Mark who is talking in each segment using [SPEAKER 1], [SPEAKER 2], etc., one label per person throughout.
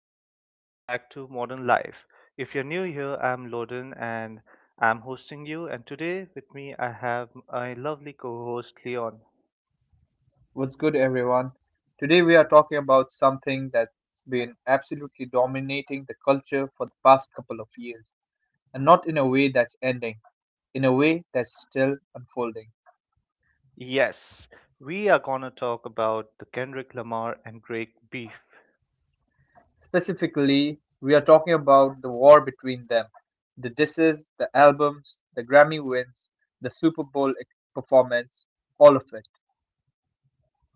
[SPEAKER 1] everyone. Welcome back to Modern Life. If you're new here, I'm Loden and I'm hosting you. And today with me, I have my lovely co host, Leon.
[SPEAKER 2] What's good, everyone? Today we are talking about something that's been absolutely dominating the culture for the past couple of years, and not in a way that's ending, in a way that's still unfolding.
[SPEAKER 1] Yes, we are going to talk about the Kendrick Lamar and Drake beef.
[SPEAKER 2] Specifically, we are talking about the war between them, the disses, the albums, the Grammy wins, the Super Bowl performance, all of it.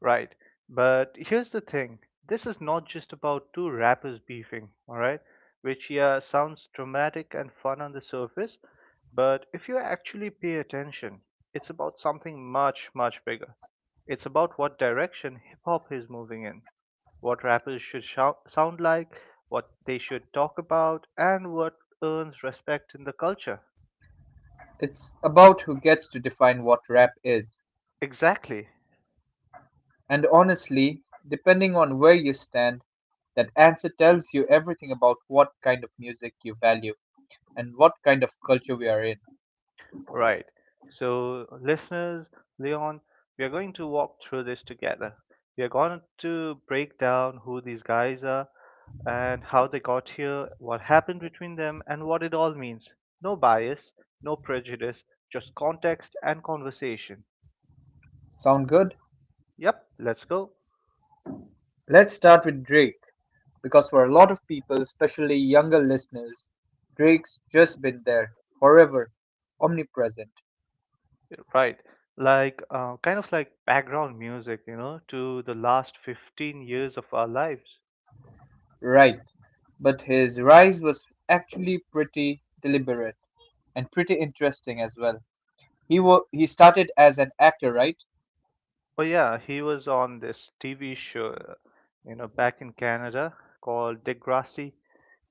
[SPEAKER 1] Right. But here's the thing. This is not just about two rappers beefing, alright? Which, yeah, sounds dramatic and fun on the surface, but if you actually pay attention, it's about something much, much bigger. It's about what direction hip hop is moving in, what rappers should sound like, what they should talk about, and what earns respect in the culture.
[SPEAKER 2] It's about who gets to define what rap is.
[SPEAKER 1] Exactly.
[SPEAKER 2] And honestly, depending on where you stand, that answer tells you everything about what kind of music you value and what kind of culture we are in.
[SPEAKER 1] Right. So, listeners, Leon, we are going to walk through this together. We are going to break down who these guys are and how they got here, what happened between them, and what it all means. No bias, no prejudice, just context and conversation.
[SPEAKER 2] Sound good?
[SPEAKER 1] Yep, let's go.
[SPEAKER 2] Let's start with Drake, because for a lot of people, especially younger listeners, Drake's just been there, forever, omnipresent.
[SPEAKER 1] Right. Like, kind of like background music, you know, to the last 15 years of our lives.
[SPEAKER 2] Right. But his rise was actually pretty deliberate and pretty interesting as well. He started as an actor, right?
[SPEAKER 1] Oh yeah, he was on this TV show, you know, back in Canada called Degrassi.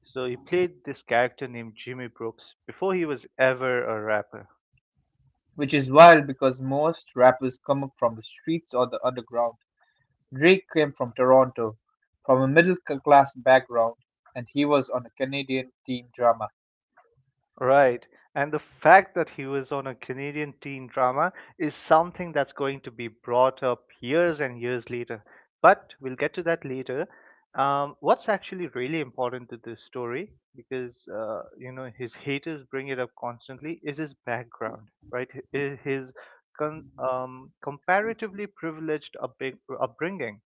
[SPEAKER 1] So he played this character named Jimmy Brooks before he was ever a rapper.
[SPEAKER 2] Which is wild because most rappers come up from the streets or the underground. Drake came from Toronto, from a middle-class background, and he was on a Canadian teen drama.
[SPEAKER 1] Right. And the fact that he was on a Canadian teen drama is something that's going to be brought up years and years later. But we'll get to that later. What's actually really important to this story, because you know, his haters bring it up constantly, is his background, right? His comparatively privileged upbringing,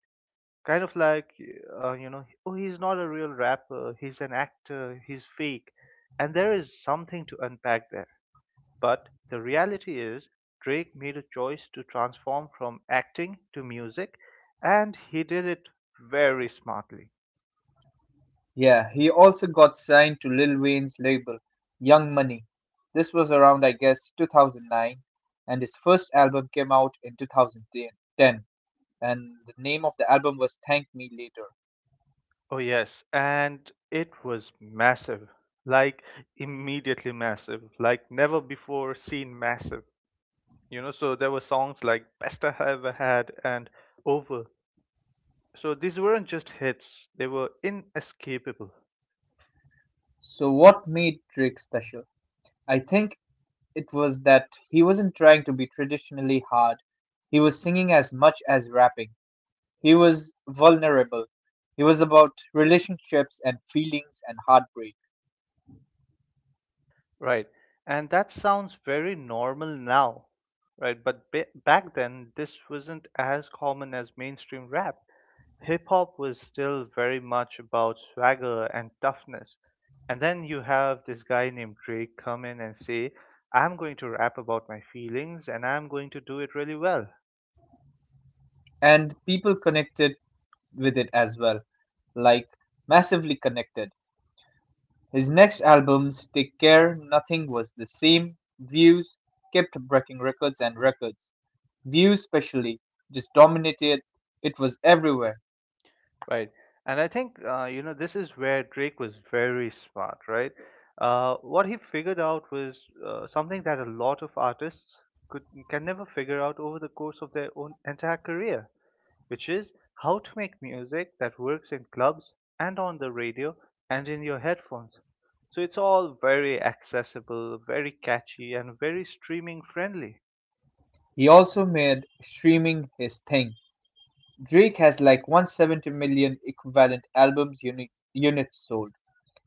[SPEAKER 1] kind of like you know, oh, he's not a real rapper, he's an actor, he's fake, and there is something to unpack there, but the reality is, Drake made a choice to transform from acting to music, and he did it very smartly.
[SPEAKER 2] Yeah, he also got signed to Lil Wayne's label, Young Money. This was around, I guess, 2009, and his first album came out in 2010, and the name of the album was Thank Me Later.
[SPEAKER 1] Oh yes, and it was massive. Like, immediately massive, like never before seen massive. You know, so there were songs like Best I Ever Had and Over. So these weren't just hits, they were inescapable,
[SPEAKER 2] So what made Drake special? I think it was that he wasn't trying to be traditionally hard. He was singing as much as rapping. He was vulnerable. He was about relationships and feelings and heartbreak.
[SPEAKER 1] right? And that sounds very normal now, right? But back then, this wasn't as common as mainstream rap. Hip hop was still very much about swagger and toughness. And then you have this guy named Drake come in and say, I'm going to rap about my feelings and I'm going to do it really well.
[SPEAKER 2] And people connected with it as well. Like, massively connected. His next albums, Take Care, Nothing Was the Same, Views, kept breaking records and records. Views, especially, just dominated. It was everywhere.
[SPEAKER 1] Right. And I think, you know, this is where Drake was very smart, right? What he figured out was something that a lot of artists could can never figure out over the course of their own entire career, which is how to make music that works in clubs and on the radio and in your headphones. So it's all very accessible, very catchy, and very streaming friendly,
[SPEAKER 2] He also made streaming his thing. Drake has like 170 million equivalent albums units sold.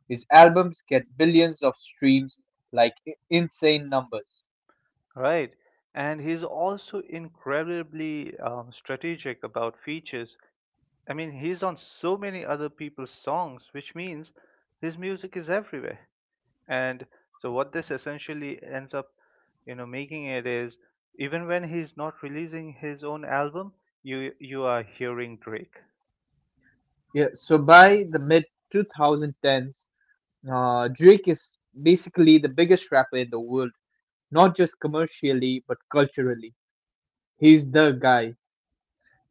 [SPEAKER 2] His albums get billions of streams, like insane numbers.
[SPEAKER 1] right? And he's also incredibly strategic about features. I mean, he's on so many other people's songs, which means his music is everywhere. And so, what this essentially ends up, you know, making it is, even when he's not releasing his own album, you are hearing Drake.
[SPEAKER 2] Yeah, so by the mid 2010s, Drake is basically the biggest rapper in the world, not just commercially but culturally. He's the guy.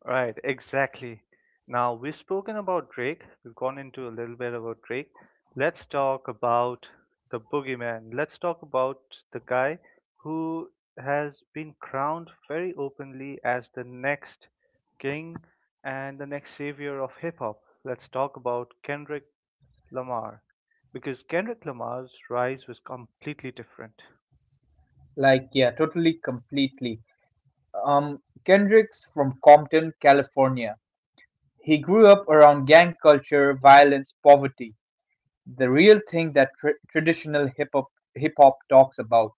[SPEAKER 1] Right, exactly. Now we've spoken about Drake, we've gone into a little bit about Drake. Let's talk about the boogeyman. Let's talk about the guy who has been crowned very openly as the next king and the next savior of hip hop. Let's talk about Kendrick Lamar, because Kendrick Lamar's rise was completely different.
[SPEAKER 2] Like yeah, totally, completely. Um, Kendrick's from Compton, California. He grew up around gang culture, violence, poverty, the real thing that traditional hip hop talks about.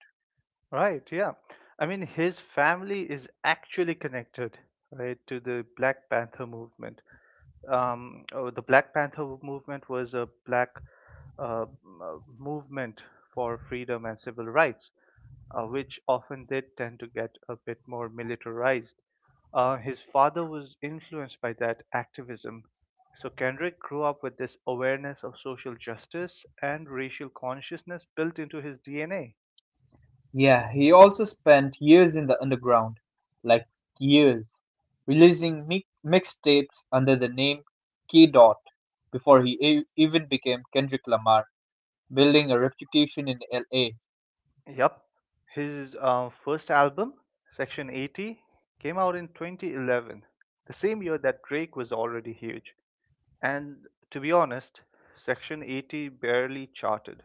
[SPEAKER 1] Right, yeah. I mean, his family is actually connected, right, to the Black Panther movement. Oh, the Black Panther movement was a black uh, m- movement for freedom and civil rights, which often did tend to get a bit more militarized. His father was influenced by that activism. So Kendrick grew up with this awareness of social justice and racial consciousness built into his DNA.
[SPEAKER 2] Yeah, he also spent years in the underground, like years, releasing mixtapes under the name K. Dot before he even became Kendrick Lamar, building a reputation in LA.
[SPEAKER 1] Yep, his first album, Section 80, came out in 2011, the same year that Drake was already huge. And to be honest, Section 80 barely charted.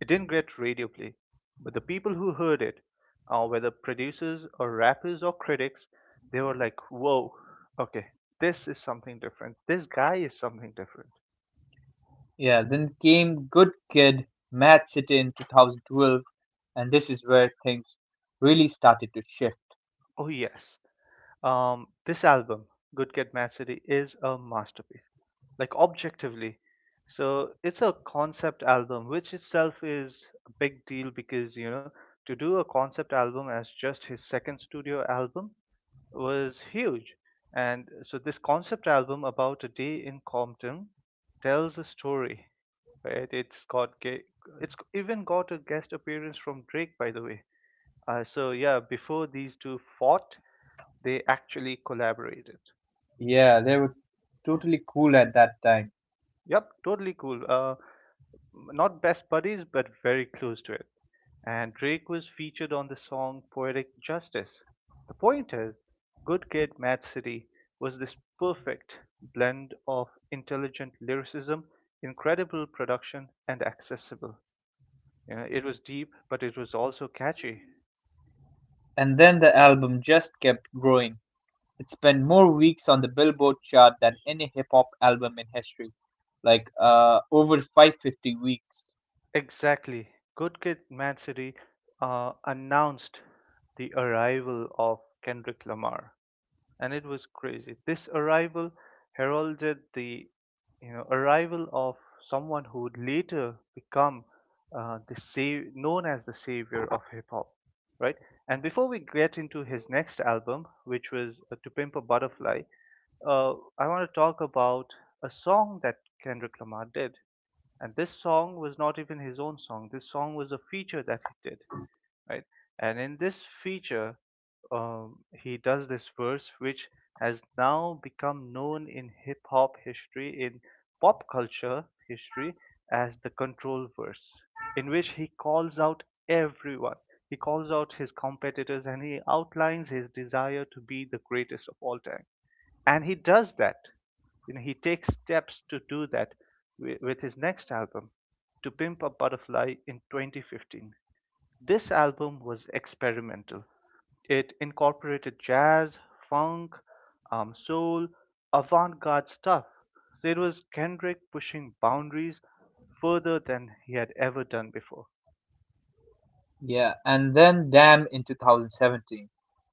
[SPEAKER 1] It didn't get radio play, but the people who heard it, whether producers or rappers or critics, they were like, whoa, okay, this is something different. This guy is something different.
[SPEAKER 2] Yeah, then came Good Kid, Mad City in 2012, and this is where things really started to shift.
[SPEAKER 1] Oh yes, this album, Good Kid Mad City, is a masterpiece. Like objectively. So it's a concept album, which itself is a big deal because, you know, to do a concept album as just his second studio album was huge. And so this concept album about a day in Compton tells a story, right? It's even got a guest appearance from Drake, by the way. So yeah, before these two fought, they actually collaborated.
[SPEAKER 2] Yeah, they were totally cool at that time.
[SPEAKER 1] Yep, totally cool. Not best buddies, but very close to it. And Drake was featured on the song Poetic Justice. The point is, Good Kid Mad City was this perfect blend of intelligent lyricism, incredible production, and accessible. You know, it was deep, but it was also catchy.
[SPEAKER 2] And then the album just kept growing. It spent more weeks on the Billboard chart than any hip hop album in history, like over 550 weeks.
[SPEAKER 1] Exactly. Good Kid Mad City announced the arrival of Kendrick Lamar. And it was crazy. This arrival heralded the, you know, arrival of someone who would later become known as the savior of hip hop, right? And before we get into his next album, which was To Pimp a Butterfly, uh, I want to talk about a song that Kendrick Lamar did. And this song was not even his own song. This song was a feature that he did, right? And in this feature, he does this verse which has now become known in hip hop history, in pop culture history, as the Control verse, in which he calls out everyone. He calls out his competitors and he outlines his desire to be the greatest of all time. And he does that. You know, he takes steps to do that with his next album, To Pimp a Butterfly in 2015. This album was experimental. It incorporated jazz, funk, soul, avant garde stuff. So it was Kendrick pushing boundaries further than he had ever done before.
[SPEAKER 2] Yeah, and then Damn in 2017,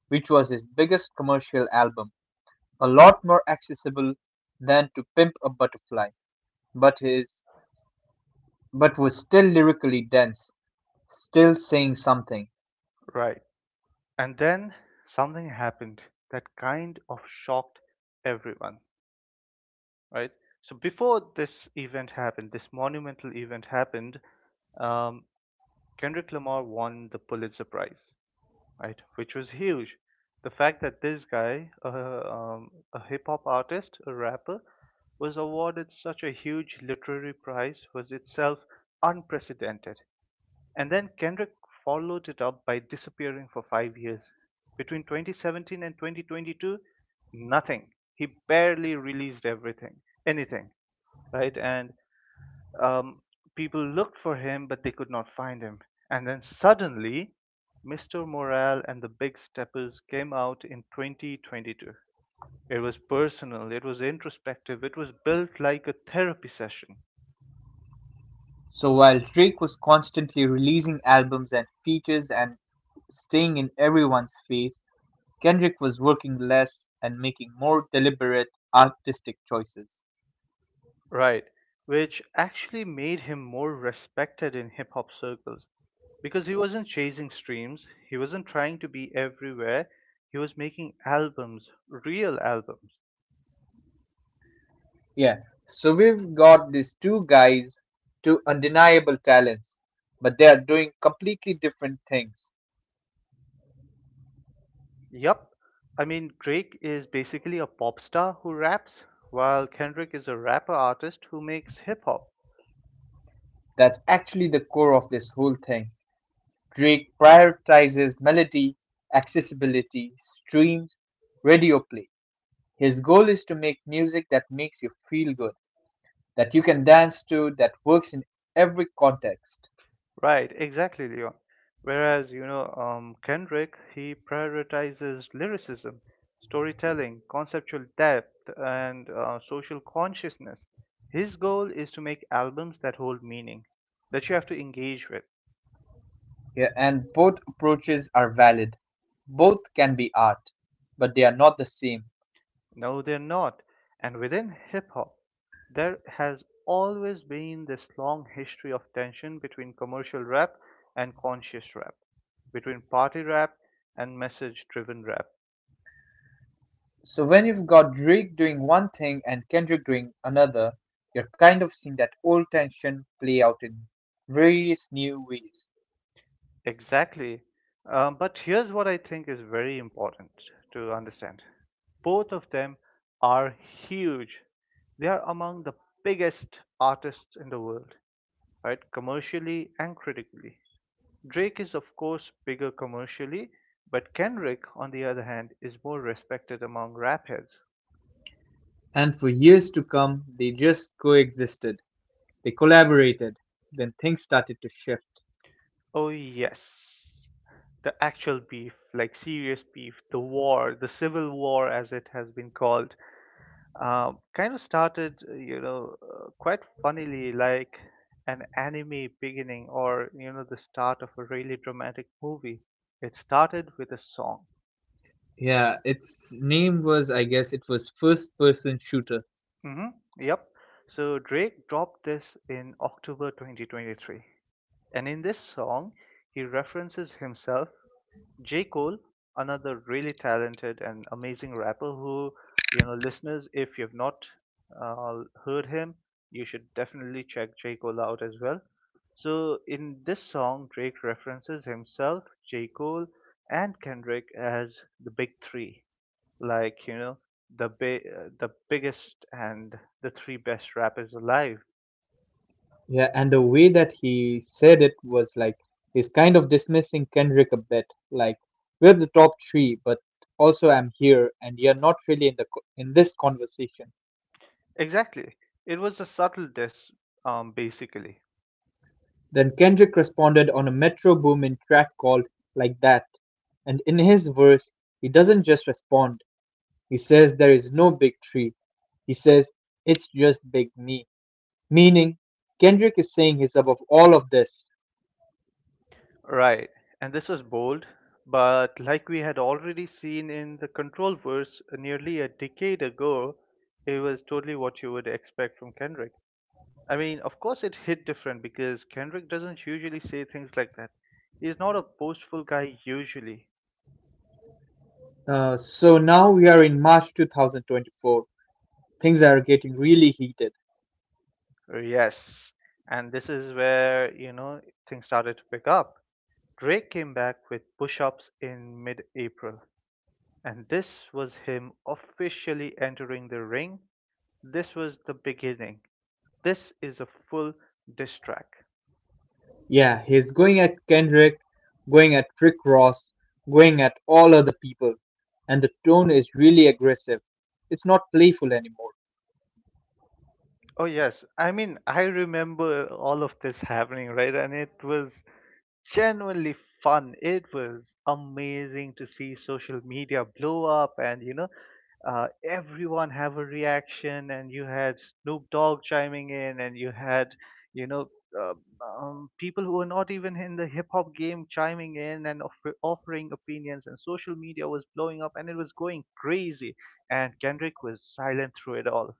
[SPEAKER 2] which was his biggest commercial album, a lot more accessible than To Pimp a Butterfly, but his but was still lyrically dense, still saying something.
[SPEAKER 1] Right. And then something happened that kind of shocked everyone, right? So before this event happened, this monumental event happened, um, Kendrick Lamar won the Pulitzer Prize. Right? Which was huge. The fact that this guy, a hip hop artist, a rapper, was awarded such a huge literary prize was itself unprecedented. And then Kendrick followed it up by disappearing for 5 years. Between 2017 and 2022, nothing. He barely released anything, right? And um, people looked for him, but they could not find him. And then suddenly, Mr. Morale and the Big Steppers came out in 2022. It was personal, it was introspective, it was built like a therapy session,
[SPEAKER 2] So while Drake was constantly releasing albums and features and staying in everyone's face, Kendrick was working less and making more deliberate artistic choices.
[SPEAKER 1] right? Which actually made him more respected in hip hop circles because he wasn't chasing streams, he wasn't trying to be everywhere, he was making albums, real albums.
[SPEAKER 2] Yeah. So we've got these two guys, two undeniable talents, but they are doing completely different things.
[SPEAKER 1] Yup. I mean, Drake is basically a pop star who raps, while Kendrick is a rapper artist who makes hip hop.
[SPEAKER 2] That's actually the core of this whole thing. Drake prioritizes melody, accessibility, streams, radio play. His goal is to make music that makes you feel good, that you can dance to, that works in every context.
[SPEAKER 1] Right, exactly, Leon. Whereas, you know, Kendrick, he prioritizes lyricism, storytelling, conceptual depth, and social consciousness. His goal is to make albums that hold meaning, that you have to engage with.
[SPEAKER 2] Yeah, and both approaches are valid. Both can be art, but they are not the same.
[SPEAKER 1] No, they're not. And within hip hop, there has always been this long history of tension between commercial rap and conscious rap, between party rap and message driven rap.
[SPEAKER 2] So when you've got Drake doing one thing and Kendrick doing another, you're kind of seeing that old tension play out in various new ways.
[SPEAKER 1] Exactly. But here's what I think is very important to understand, both of them are huge. They are among the biggest artists in the world, right? Commercially and critically. Drake is of course bigger commercially, but Kendrick, on the other hand, is more respected among rap heads.
[SPEAKER 2] And for years to come, they just coexisted. They collaborated. Then things started to shift.
[SPEAKER 1] Oh yes. The actual beef, like serious beef, the war, the civil war as it has been called, kind of started, you know, quite funnily, like an anime beginning or, you know, the start of a really dramatic movie. It started with a song.
[SPEAKER 2] Yeah, its name was, I guess, it was First Person Shooter.
[SPEAKER 1] Hmm. Yep. So Drake dropped this in October 2023. And in this song, he references himself, J. Cole, another really talented and amazing rapper who, you know, listeners, if you've not heard him, you should definitely check J. Cole out as well. So in this song, Drake references himself, J. Cole, and Kendrick as the big three, like, you know, the biggest and the three best rappers alive.
[SPEAKER 2] Yeah, and the way that he said it was like he's kind of dismissing Kendrick a bit, like we're the top three, but also I'm here, and you're not really in in this conversation.
[SPEAKER 1] Exactly. It was a subtle diss, basically.
[SPEAKER 2] Then Kendrick responded on a Metro Boomin track called "Like That," and in his verse, he doesn't just respond. He says there is no big three. He says it's just big me, meaning Kendrick is saying he's above all of this.
[SPEAKER 1] Right, and this is bold, but like we had already seen in the Control verse nearly a decade ago, it was totally what you would expect from Kendrick. I mean, of course, it hit different because Kendrick doesn't usually say things like that. He's not a boastful guy usually.
[SPEAKER 2] So now we are in March 2024. Things are getting really heated.
[SPEAKER 1] Yes, and this is where, you know, things started to pick up. Drake came back with Push Ups in mid April, and this was him officially entering the ring. This was the beginning. This is a full diss track.
[SPEAKER 2] Yeah, he's going at Kendrick, going at Rick Ross, going at all other people. And the tone is really aggressive. It's not playful anymore,
[SPEAKER 1] Oh yes, I mean I remember all of this happening, right? And it was genuinely fun. It was amazing to see social media blow up and, everyone have a reaction and you had Snoop Dogg chiming in and you had, you know, uh, people who were not even in the hip hop game chiming in and offering opinions and social media was blowing up and it was going crazy and Kendrick was silent through it all,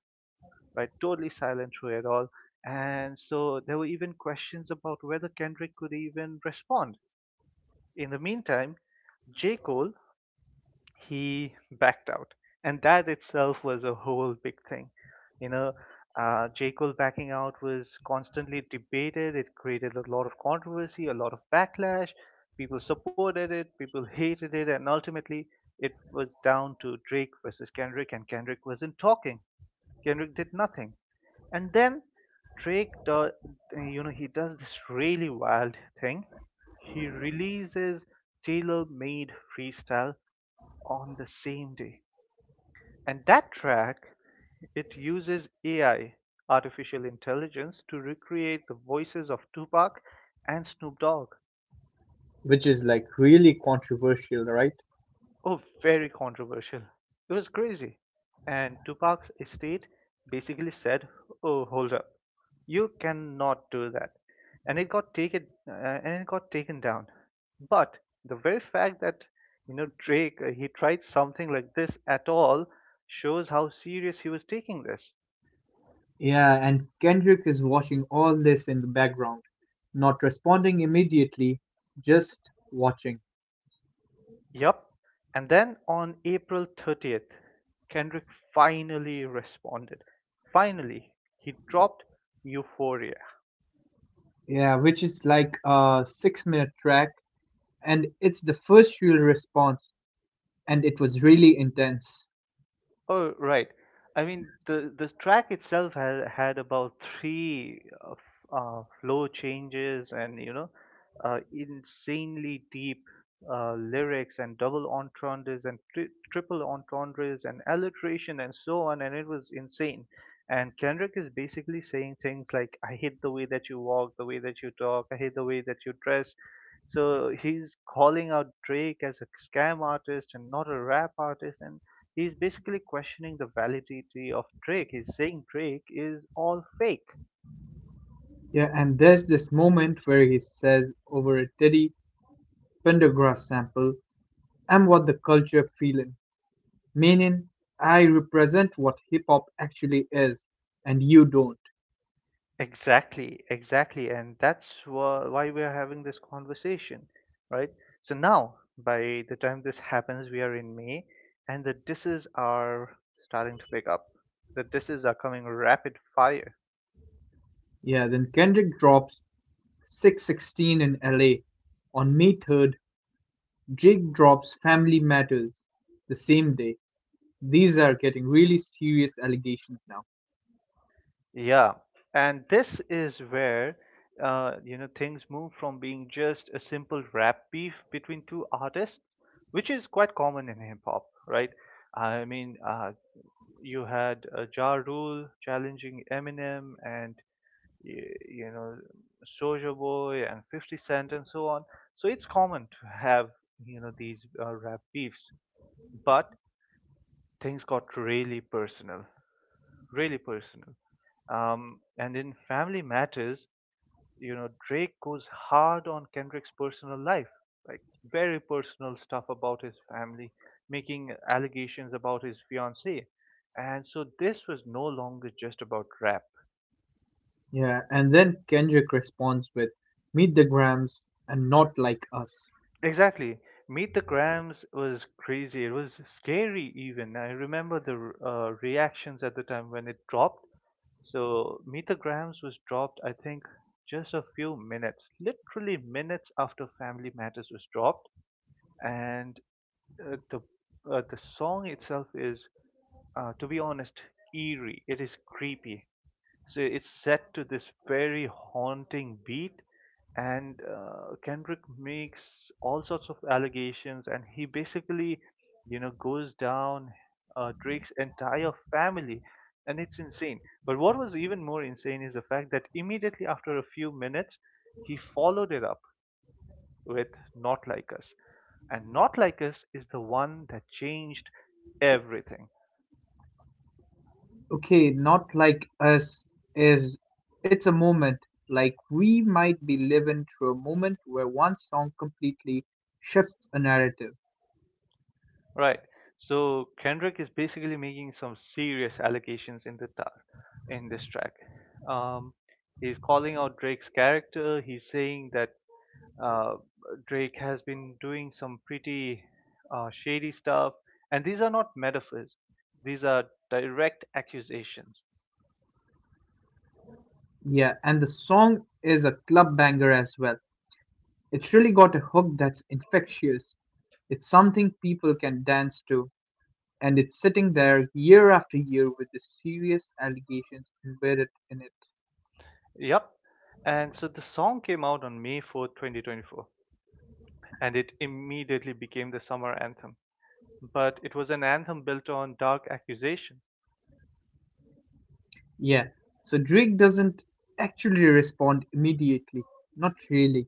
[SPEAKER 1] right? Totally silent through it all. And so there were even questions about whether Kendrick could even respond in the meantime, J. Cole, he backed out. And that itself was a whole big thing. You know, J. Cole backing out was constantly debated. It created a lot of controversy, a lot of backlash. People supported it, people hated it, and ultimately it was down to Drake versus Kendrick, and Kendrick wasn't talking. Kendrick did nothing, and then Drake does, you know, he does this really wild thing. He releases Tailor Made Freestyle on the same day, and that track, it uses AI, artificial intelligence, to recreate the voices of Tupac and Snoop Dogg.
[SPEAKER 2] which is like really controversial, right?
[SPEAKER 1] Oh, very controversial. It was crazy. And Tupac's estate basically said, "Oh, hold up. You cannot do that." And it got taken down. But the very fact that, you know, Drake he tried something like this at all shows how serious he was taking this.
[SPEAKER 2] Yeah, and Kendrick is watching all this in the background, not responding immediately, just watching.
[SPEAKER 1] Yup. And then on April 30th, Kendrick finally responded. Finally, he dropped Euphoria.
[SPEAKER 2] Yeah, which is like a 6 minute track, and it's the first real response, and it was really intense.
[SPEAKER 1] Oh, right. I mean, the track itself had had about three flow changes, and insanely deep lyrics and double entendres and triple entendres and alliteration and so on, and it was insane. And Kendrick is basically saying things like, "I hate the way that you walk, the way that you talk, I hate the way that you dress." So he's calling out Drake as a scam artist and not a rap artist, and he's basically questioning the validity of Drake. He's saying Drake is all fake.
[SPEAKER 2] Yeah, and there's this moment where he says over a Teddy Pendergrass sample, I'm what the culture feeling, meaning I represent what hip hop actually is, and you don't.
[SPEAKER 1] Exactly, exactly, and that's why we are having this conversation, right? So now, by the time this happens, we are in May, and the disses are starting to pick up. The disses are coming rapid fire.
[SPEAKER 2] Yeah, then Kendrick drops 616 in LA. On May 3rd, Jake drops Family Matters the same day. These are getting really serious allegations now.
[SPEAKER 1] Yeah, and this is where you know, things move from being just a simple rap beef between two artists, which is quite common in hip hop, right? I mean, you had Ja Rule challenging Eminem, and y- you know, Soulja Boy and 50 Cent and so on. So it's common to have, you know, these rap beefs, but things got really personal, really personal. And in Family Matters, you know, Drake goes hard on Kendrick's personal life, like very personal stuff about his family, making allegations about his fiancée. And so this was no longer just about rap.
[SPEAKER 2] Yeah, and then Kendrick responds with Meet the Grams and Not Like Us.
[SPEAKER 1] Exactly. Meet the Grams was crazy. It was scary even. I remember the reactions at the time when it dropped. So Meet the Grams was dropped, I think, just a few minutes, literally minutes after Family Matters was dropped. And uh, the the song itself is, to be honest, eerie. It is creepy. So it's set to this very haunting beat, and Kendrick makes all sorts of allegations, and he basically, you know, goes down Drake's entire family, and it's insane. But what was even more insane is the fact that immediately after a few minutes, he followed it up with Not Like Us. And Not Like Us is the one that changed everything.
[SPEAKER 2] Okay, not like us is it's a moment. Like we might be living through a moment where one song completely shifts a narrative.
[SPEAKER 1] Right. So Kendrick is basically making some serious allegations in in this track. Um, he's calling out Drake's character. He's saying that uh, Drake has been doing some pretty shady stuff, and these are not metaphors. These are direct accusations.
[SPEAKER 2] Yeah, and the song is a club banger as well. It's really got a hook that's infectious. It's something people can dance to, and it's sitting there year after year with the serious allegations embedded in it.
[SPEAKER 1] Yep. And so the song came out on May 4th, 2024, and it immediately became the summer anthem. But it was an anthem built on dark accusation.
[SPEAKER 2] Yeah, so Drake doesn't actually respond immediately, not really.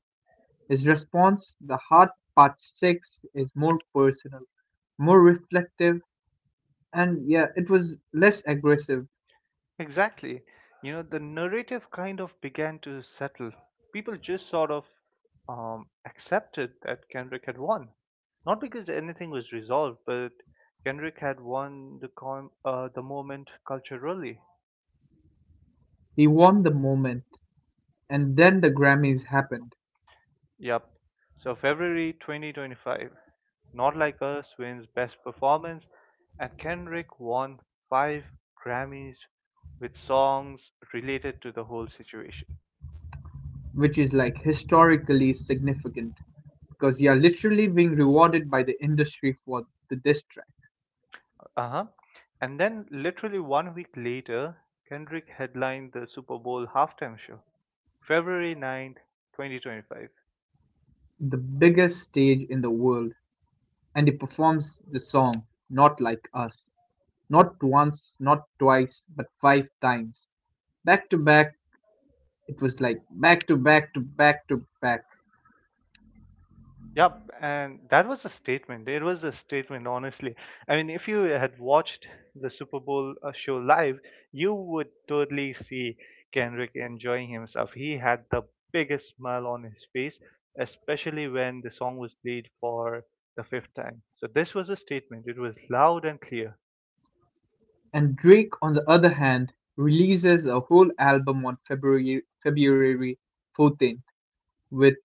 [SPEAKER 2] His response, "The Hard Part six," is more personal, more reflective, and yeah, it was less aggressive.
[SPEAKER 1] Exactly. You know, the narrative kind of began to settle. People just sort of accepted that Kendrick had won. Not because anything was resolved, but Kendrick had won the moment culturally.
[SPEAKER 2] He won the moment, and then the Grammys happened,
[SPEAKER 1] Yep. So February 2025, Not Like Us wins Best Performance, and Kendrick won 5 Grammys with songs related to the whole situation.
[SPEAKER 2] which is like historically significant because you're literally being rewarded by the industry for the diss track,
[SPEAKER 1] Uh huh. And then, literally 1 week later, Kendrick headlined the Super Bowl halftime show, February 9th, 2025.
[SPEAKER 2] the biggest stage in the world, and he performs the song "Not Like Us" not once, not twice, but five times, back to back. It was like back to back to back to back.
[SPEAKER 1] Yep, and that was a statement. It was a statement, honestly. I mean, if you had watched the Super Bowl show live, you would totally see Kendrick enjoying himself. He had the biggest smile on his face, especially when the song was played for the fifth time. So this was a statement. It was loud and clear.
[SPEAKER 2] And Drake, on the other hand, releases a whole album on February 14th with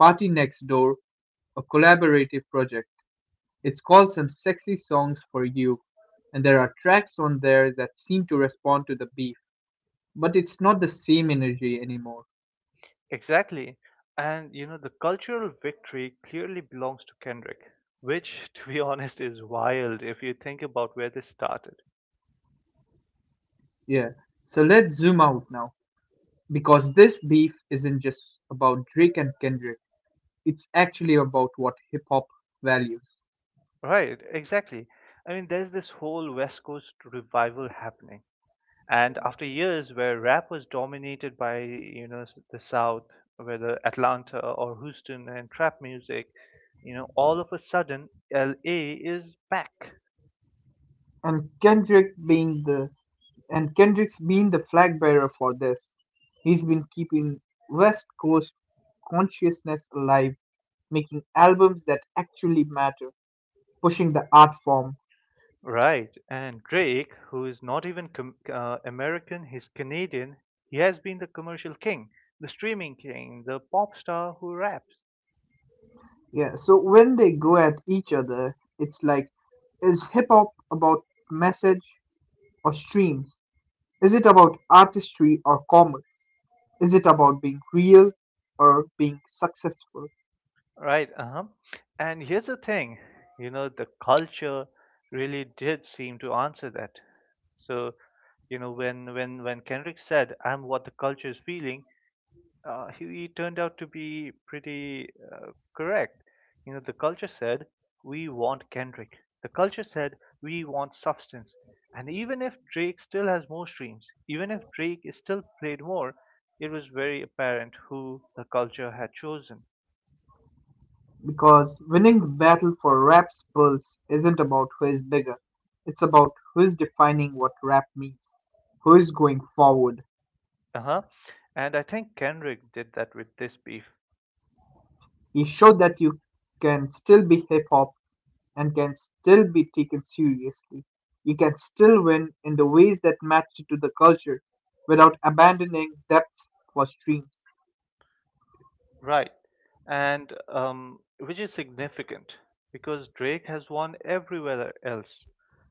[SPEAKER 2] Party Next Door, a collaborative project. It's called Some Sexy Songs for You, and there are tracks on there that seem to respond to the beef, but it's not the same energy anymore.
[SPEAKER 1] Exactly. And you know, the cultural victory clearly belongs to Kendrick, which, to be honest, is wild if you think about where this started.
[SPEAKER 2] Yeah. So let's zoom out now because this beef isn't just about Drake and Kendrick. It's actually about what hip hop values.
[SPEAKER 1] Right, exactly. I mean, there's this whole West Coast revival happening. And after years where rap was dominated by, you know, the South, whether Atlanta or Houston and trap music, you know, all of a sudden LA is back.
[SPEAKER 2] and Kendrick being the and Kendrick's been the flag bearer for this. He's been keeping West Coast consciousness alive, making albums that actually matter, pushing the art form.
[SPEAKER 1] Right. And Drake, who is not even American, he's Canadian, he has been the commercial king, the streaming king, the pop star who raps.
[SPEAKER 2] Yeah, so when they go at each other, it's like is hip hop about message or streams? Is it about artistry or commerce? Is it about being real or being successful?
[SPEAKER 1] Right, uh-huh. And here's the thing, you know, the culture really did seem to answer that. So, you know, when Kendrick said, "I'm what the culture is feeling," he turned out to be pretty correct. You know, the culture said, "We want Kendrick." The culture said, "We want substance." And even if Drake still has more streams, even if Drake is still played more, it was very apparent who the culture had chosen.
[SPEAKER 2] Because winning the battle for rap's pulse isn't about who is bigger, it's about who's defining what rap means, who's going forward.
[SPEAKER 1] Uh-huh. And I think Kendrick did that with this beef.
[SPEAKER 2] He showed that you can still be hip hop and can still be taken seriously. You can still win in the ways that match to the culture without abandoning depths for streams.
[SPEAKER 1] Right. And which is significant because Drake has won everywhere else,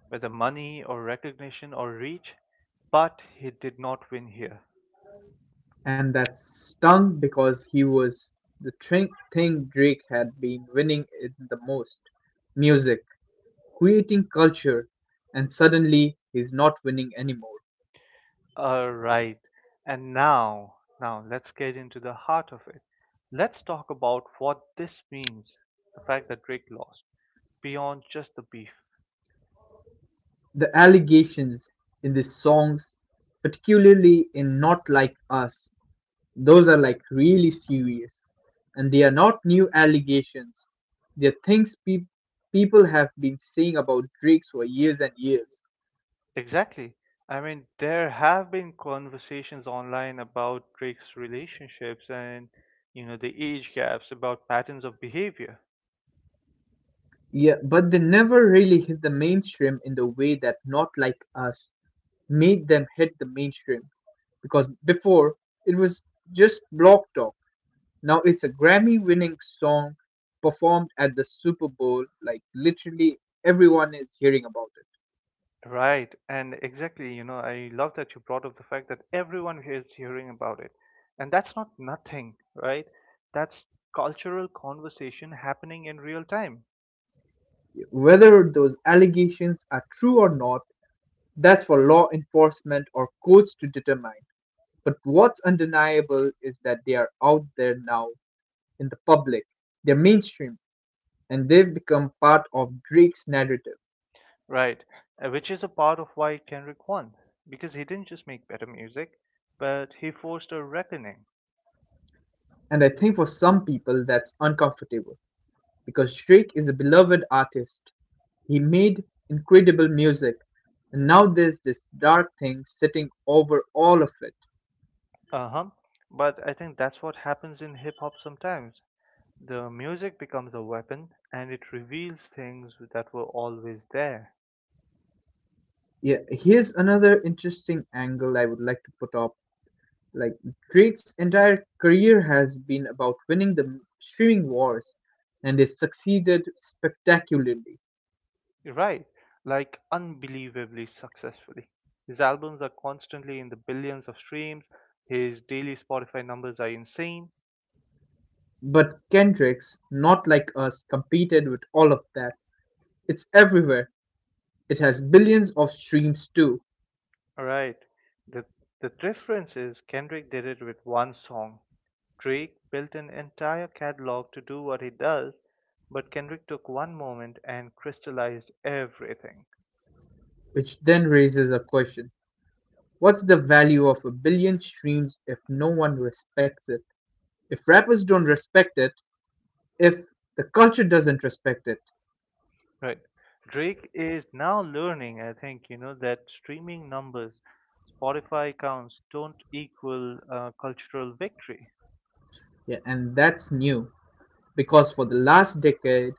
[SPEAKER 1] whether money or recognition or reach, but he did not win here.
[SPEAKER 2] And that stung because he was the thing Drake had been winning in the most, music, creating culture, and suddenly he's not winning anymore.
[SPEAKER 1] All right. And now, now let's get into the heart of it. Let's talk about what this means, the fact that Drake lost, beyond just the beef.
[SPEAKER 2] The allegations in these songs, particularly in Not Like Us, those are like really serious. And they are not new allegations, they're things people have been saying about Drake's for years and years.
[SPEAKER 1] Exactly. I mean, there have been conversations online about Drake's relationships and, you know, the age gaps, about patterns of behavior.
[SPEAKER 2] Yeah, but they never really hit the mainstream in the way that Not Like Us made them hit the mainstream. Because before, it was just block talk. Now it's a Grammy-winning song performed at the Super Bowl. Like literally everyone is hearing about
[SPEAKER 1] Right, and exactly, you know, I love that you brought up the fact that everyone here is hearing about it. And that's not nothing, right? That's cultural conversation happening in real time,
[SPEAKER 2] it. Whether those allegations are true or not, that's for law enforcement or courts to determine. But what's undeniable is that they are out there now in the public. They're mainstream and they've become part of Drake's narrative.
[SPEAKER 1] right? Which is a part of why Kendrick won, because he didn't just make better music, but he forced a reckoning.
[SPEAKER 2] And I think for some people that's uncomfortable because Drake is a beloved artist. He made incredible music, and now there's this dark thing sitting over all of it.
[SPEAKER 1] Uh-huh. But I think that's what happens in hip hop sometimes. The music becomes a weapon and it reveals things that were always there.
[SPEAKER 2] Yeah, here's another interesting angle I would like to put up. Like Drake's entire career has been about winning the streaming wars, and he succeeded spectacularly.
[SPEAKER 1] Right, like unbelievably successfully. His albums are constantly in the billions of streams. His daily Spotify numbers are insane.
[SPEAKER 2] But Kendrick's Not Like Us competed with all of that. It's everywhere. It has billions of streams too,
[SPEAKER 1] Right. The the difference is Kendrick did it with one song. Drake built an entire catalog to do what he does, but Kendrick took one moment and crystallized everything.
[SPEAKER 2] which then raises a question. What's the value of a billion streams if no one respects it? If rappers don't respect it, if the culture doesn't respect it.
[SPEAKER 1] Right. Drake is now learning, I think, you know, that streaming numbers, Spotify counts don't equal cultural victory.
[SPEAKER 2] Yeah, and that's new because for the last decade,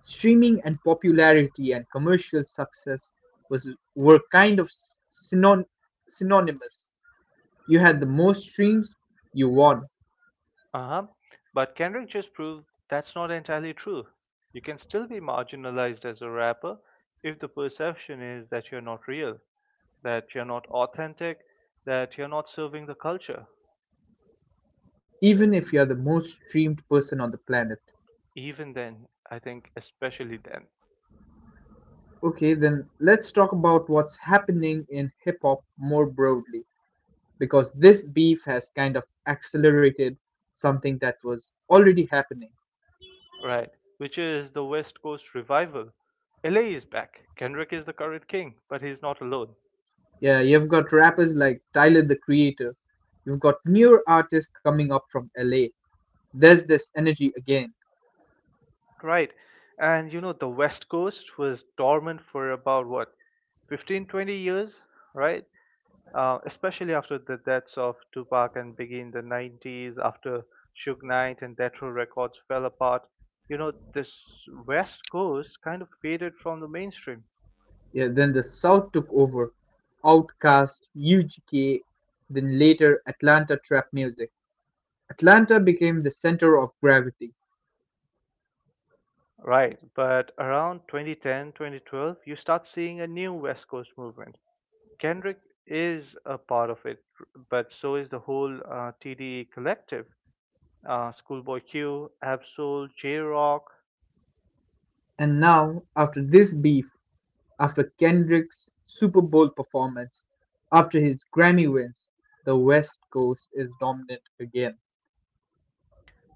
[SPEAKER 2] streaming and popularity and commercial success was were kind of synon- synonymous. You had the most streams, you won,
[SPEAKER 1] Uh huh. But Kendrick just proved that's not entirely true. You can still be marginalized as a rapper if the perception is that you're not real, that you're not authentic, that you're not serving the culture.
[SPEAKER 2] even if you're the most streamed person on the planet.
[SPEAKER 1] Even then, I think, especially then.
[SPEAKER 2] Okay, then let's talk about what's happening in hip hop more broadly, because this beef has kind of accelerated something that was already happening.
[SPEAKER 1] Right, which is the West Coast revival. LA is back. Kendrick is the current king, but he's not alone.
[SPEAKER 2] Yeah, you've got rappers like Tyler the Creator. You've got newer artists coming up from LA. There's this energy again.
[SPEAKER 1] Right. And you know, the West Coast was dormant for about what, 15, 20 years, right? Especially after the deaths of Tupac and Biggie in the 90s, after Suge Knight and Death Row Records fell apart. You know, this West Coast kind of faded from the mainstream.
[SPEAKER 2] Yeah, then the South took over. Outkast, UGK, then later Atlanta trap music. Atlanta became the center of gravity.
[SPEAKER 1] Right, but around 2010, 2012, you start seeing a new West Coast movement. Kendrick is a part of it, but so is the whole TDE collective. Schoolboy Q, Absol, J Rock,
[SPEAKER 2] And now, after this beef, after Kendrick's Super Bowl performance, after his Grammy wins, the West Coast is dominant again.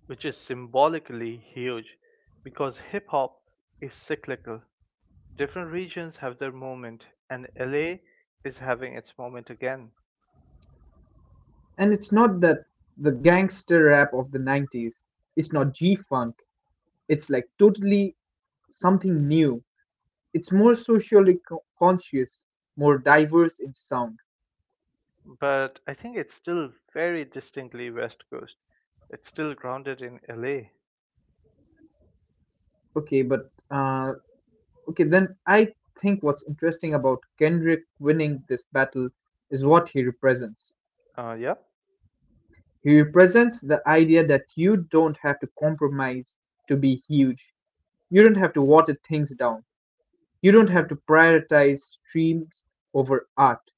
[SPEAKER 1] which is symbolically huge because hip hop is cyclical. Different regions have their moment, and LA is having its moment again.
[SPEAKER 2] And it's not that the gangster rap of the 90s, it's not G Funk, it's like totally something new. It's more socially conscious, more diverse in sound.
[SPEAKER 1] But I think it's still very distinctly West Coast. It's still grounded in LA.
[SPEAKER 2] Okay, but okay, then I think what's interesting about Kendrick winning this battle is what he represents.
[SPEAKER 1] Yeah.
[SPEAKER 2] He represents the idea that you don't have to compromise to be huge. You don't have to water things down. You don't have to prioritize streams over art.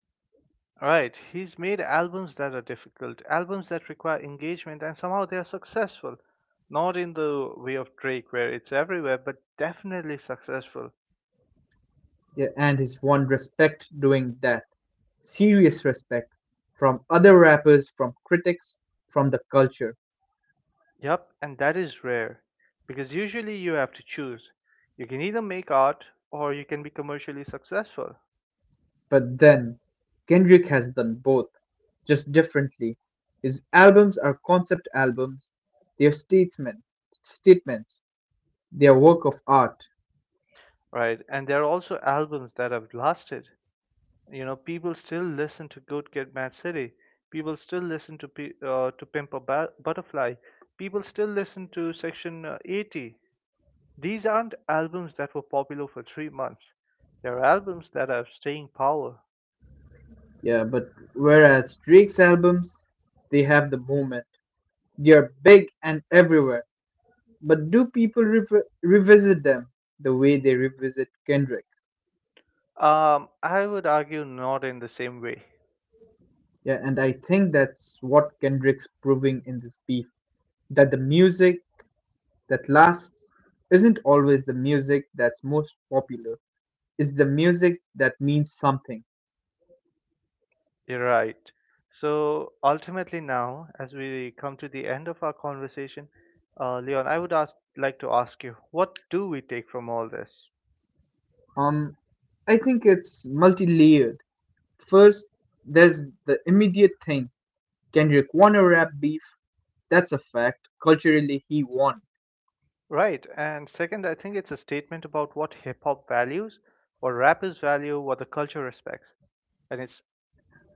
[SPEAKER 1] Right. He's made albums that are difficult, albums that require engagement, and somehow they are successful. Not in the way of Drake, where it's everywhere, but definitely successful.
[SPEAKER 2] Yeah, and he's won respect doing that. Serious respect from other rappers, from critics, from the culture.
[SPEAKER 1] Yup, and that is rare, because usually you have to choose. You can either make art or you can be commercially successful,
[SPEAKER 2] But then, Kendrick has done both, just differently. His albums are concept albums, they are statements, statements, they are work of art.
[SPEAKER 1] right? And there are also albums that have lasted. You know, people still listen to Good Kid, Mad City. People still listen to Pimp a Butterfly. People still listen to Section 80. These aren't albums that were popular for 3 months. They're albums that have staying power.
[SPEAKER 2] Yeah, but whereas Drake's albums, they have the moment. They are big and everywhere. But do people revisit them the way they revisit Kendrick?
[SPEAKER 1] I would argue not in the same way.
[SPEAKER 2] Yeah, and I think that's what Kendrick's proving in this beef, that the music that lasts isn't always the music that's most popular. It's the music that means something.
[SPEAKER 1] You're right. So ultimately, now, as we come to the end of our conversation, Leon, I would like to ask you, what do we take from all this?
[SPEAKER 2] Um, I think it's multi layered. First, there's the immediate thing, Kendrick won a rap beef. That's a fact. Culturally, he won.
[SPEAKER 1] Right. And second, I think it's a statement about what hip hop values, what rappers value, what the culture respects. And it's,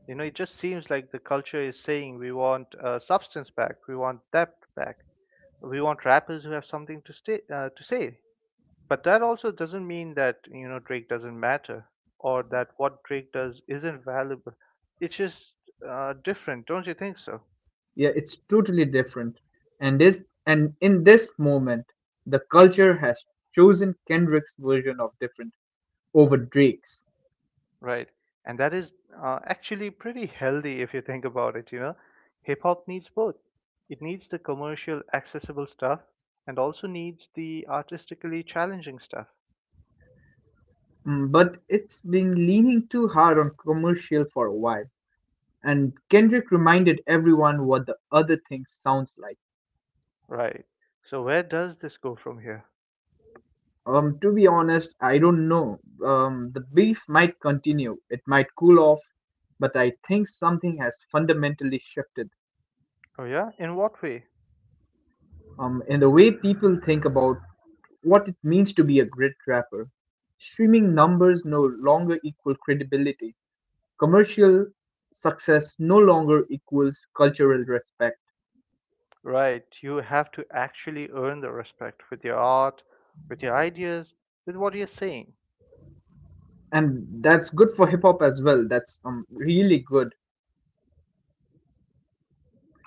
[SPEAKER 1] you know, it just seems like the culture is saying we want substance back, we want depth back, we want rappers who have something to stay, to say. But that also doesn't mean that, you know, Drake doesn't matter or that what Drake does isn't valuable. It's just different, don't you think so?
[SPEAKER 2] Yeah, it's totally different. And in this moment, the culture has chosen Kendrick's version of different over Drake's.
[SPEAKER 1] Right. And that is actually pretty healthy if you think about it, you know. Hip hop needs both. It needs the commercial, accessible stuff and also needs the artistically challenging stuff.
[SPEAKER 2] Mm, but it's been leaning too hard on commercial for a while. And Kendrick reminded everyone what the other thing sounds like.
[SPEAKER 1] Right. So where does this go from here?
[SPEAKER 2] To be honest, I don't know. The beef might continue. It might cool off, but I think something has fundamentally shifted.
[SPEAKER 1] Oh yeah? In what way?
[SPEAKER 2] And the way people think about what it means to be a great rapper. Streaming numbers no longer equal credibility. Commercial success no longer equals cultural respect.
[SPEAKER 1] Right. You have to actually earn the respect with your art, with your ideas, with what you're saying.
[SPEAKER 2] And that's good for hip hop as well. That's really good.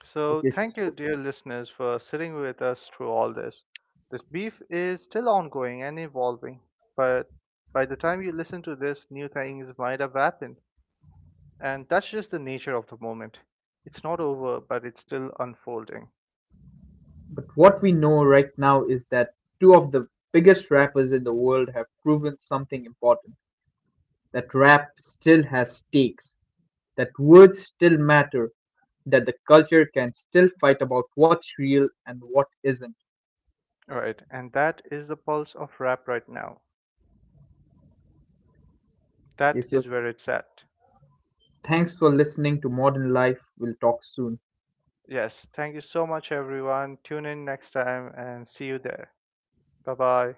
[SPEAKER 1] So,
[SPEAKER 2] Okay, s
[SPEAKER 1] thank you, dear listeners, for sitting with us through all this. This beef is still ongoing and evolving, but by the time you listen to this, new things might have happened. And that's just the nature of the moment. It's not over, but it's still unfolding.
[SPEAKER 2] but what we know right now is that two of the biggest rappers in the world have proven something important, that rap still has stakes, that words still matter, that the culture can still fight about what's real and what isn't.
[SPEAKER 1] Right, and that is the pulse of rap right now.
[SPEAKER 2] Okay,
[SPEAKER 1] That
[SPEAKER 2] so
[SPEAKER 1] is where it's at.
[SPEAKER 2] thanks for listening to Modern Life. We'll talk soon.
[SPEAKER 1] Yes, thank you so much, everyone. Tune in next time and see you there. Bye bye.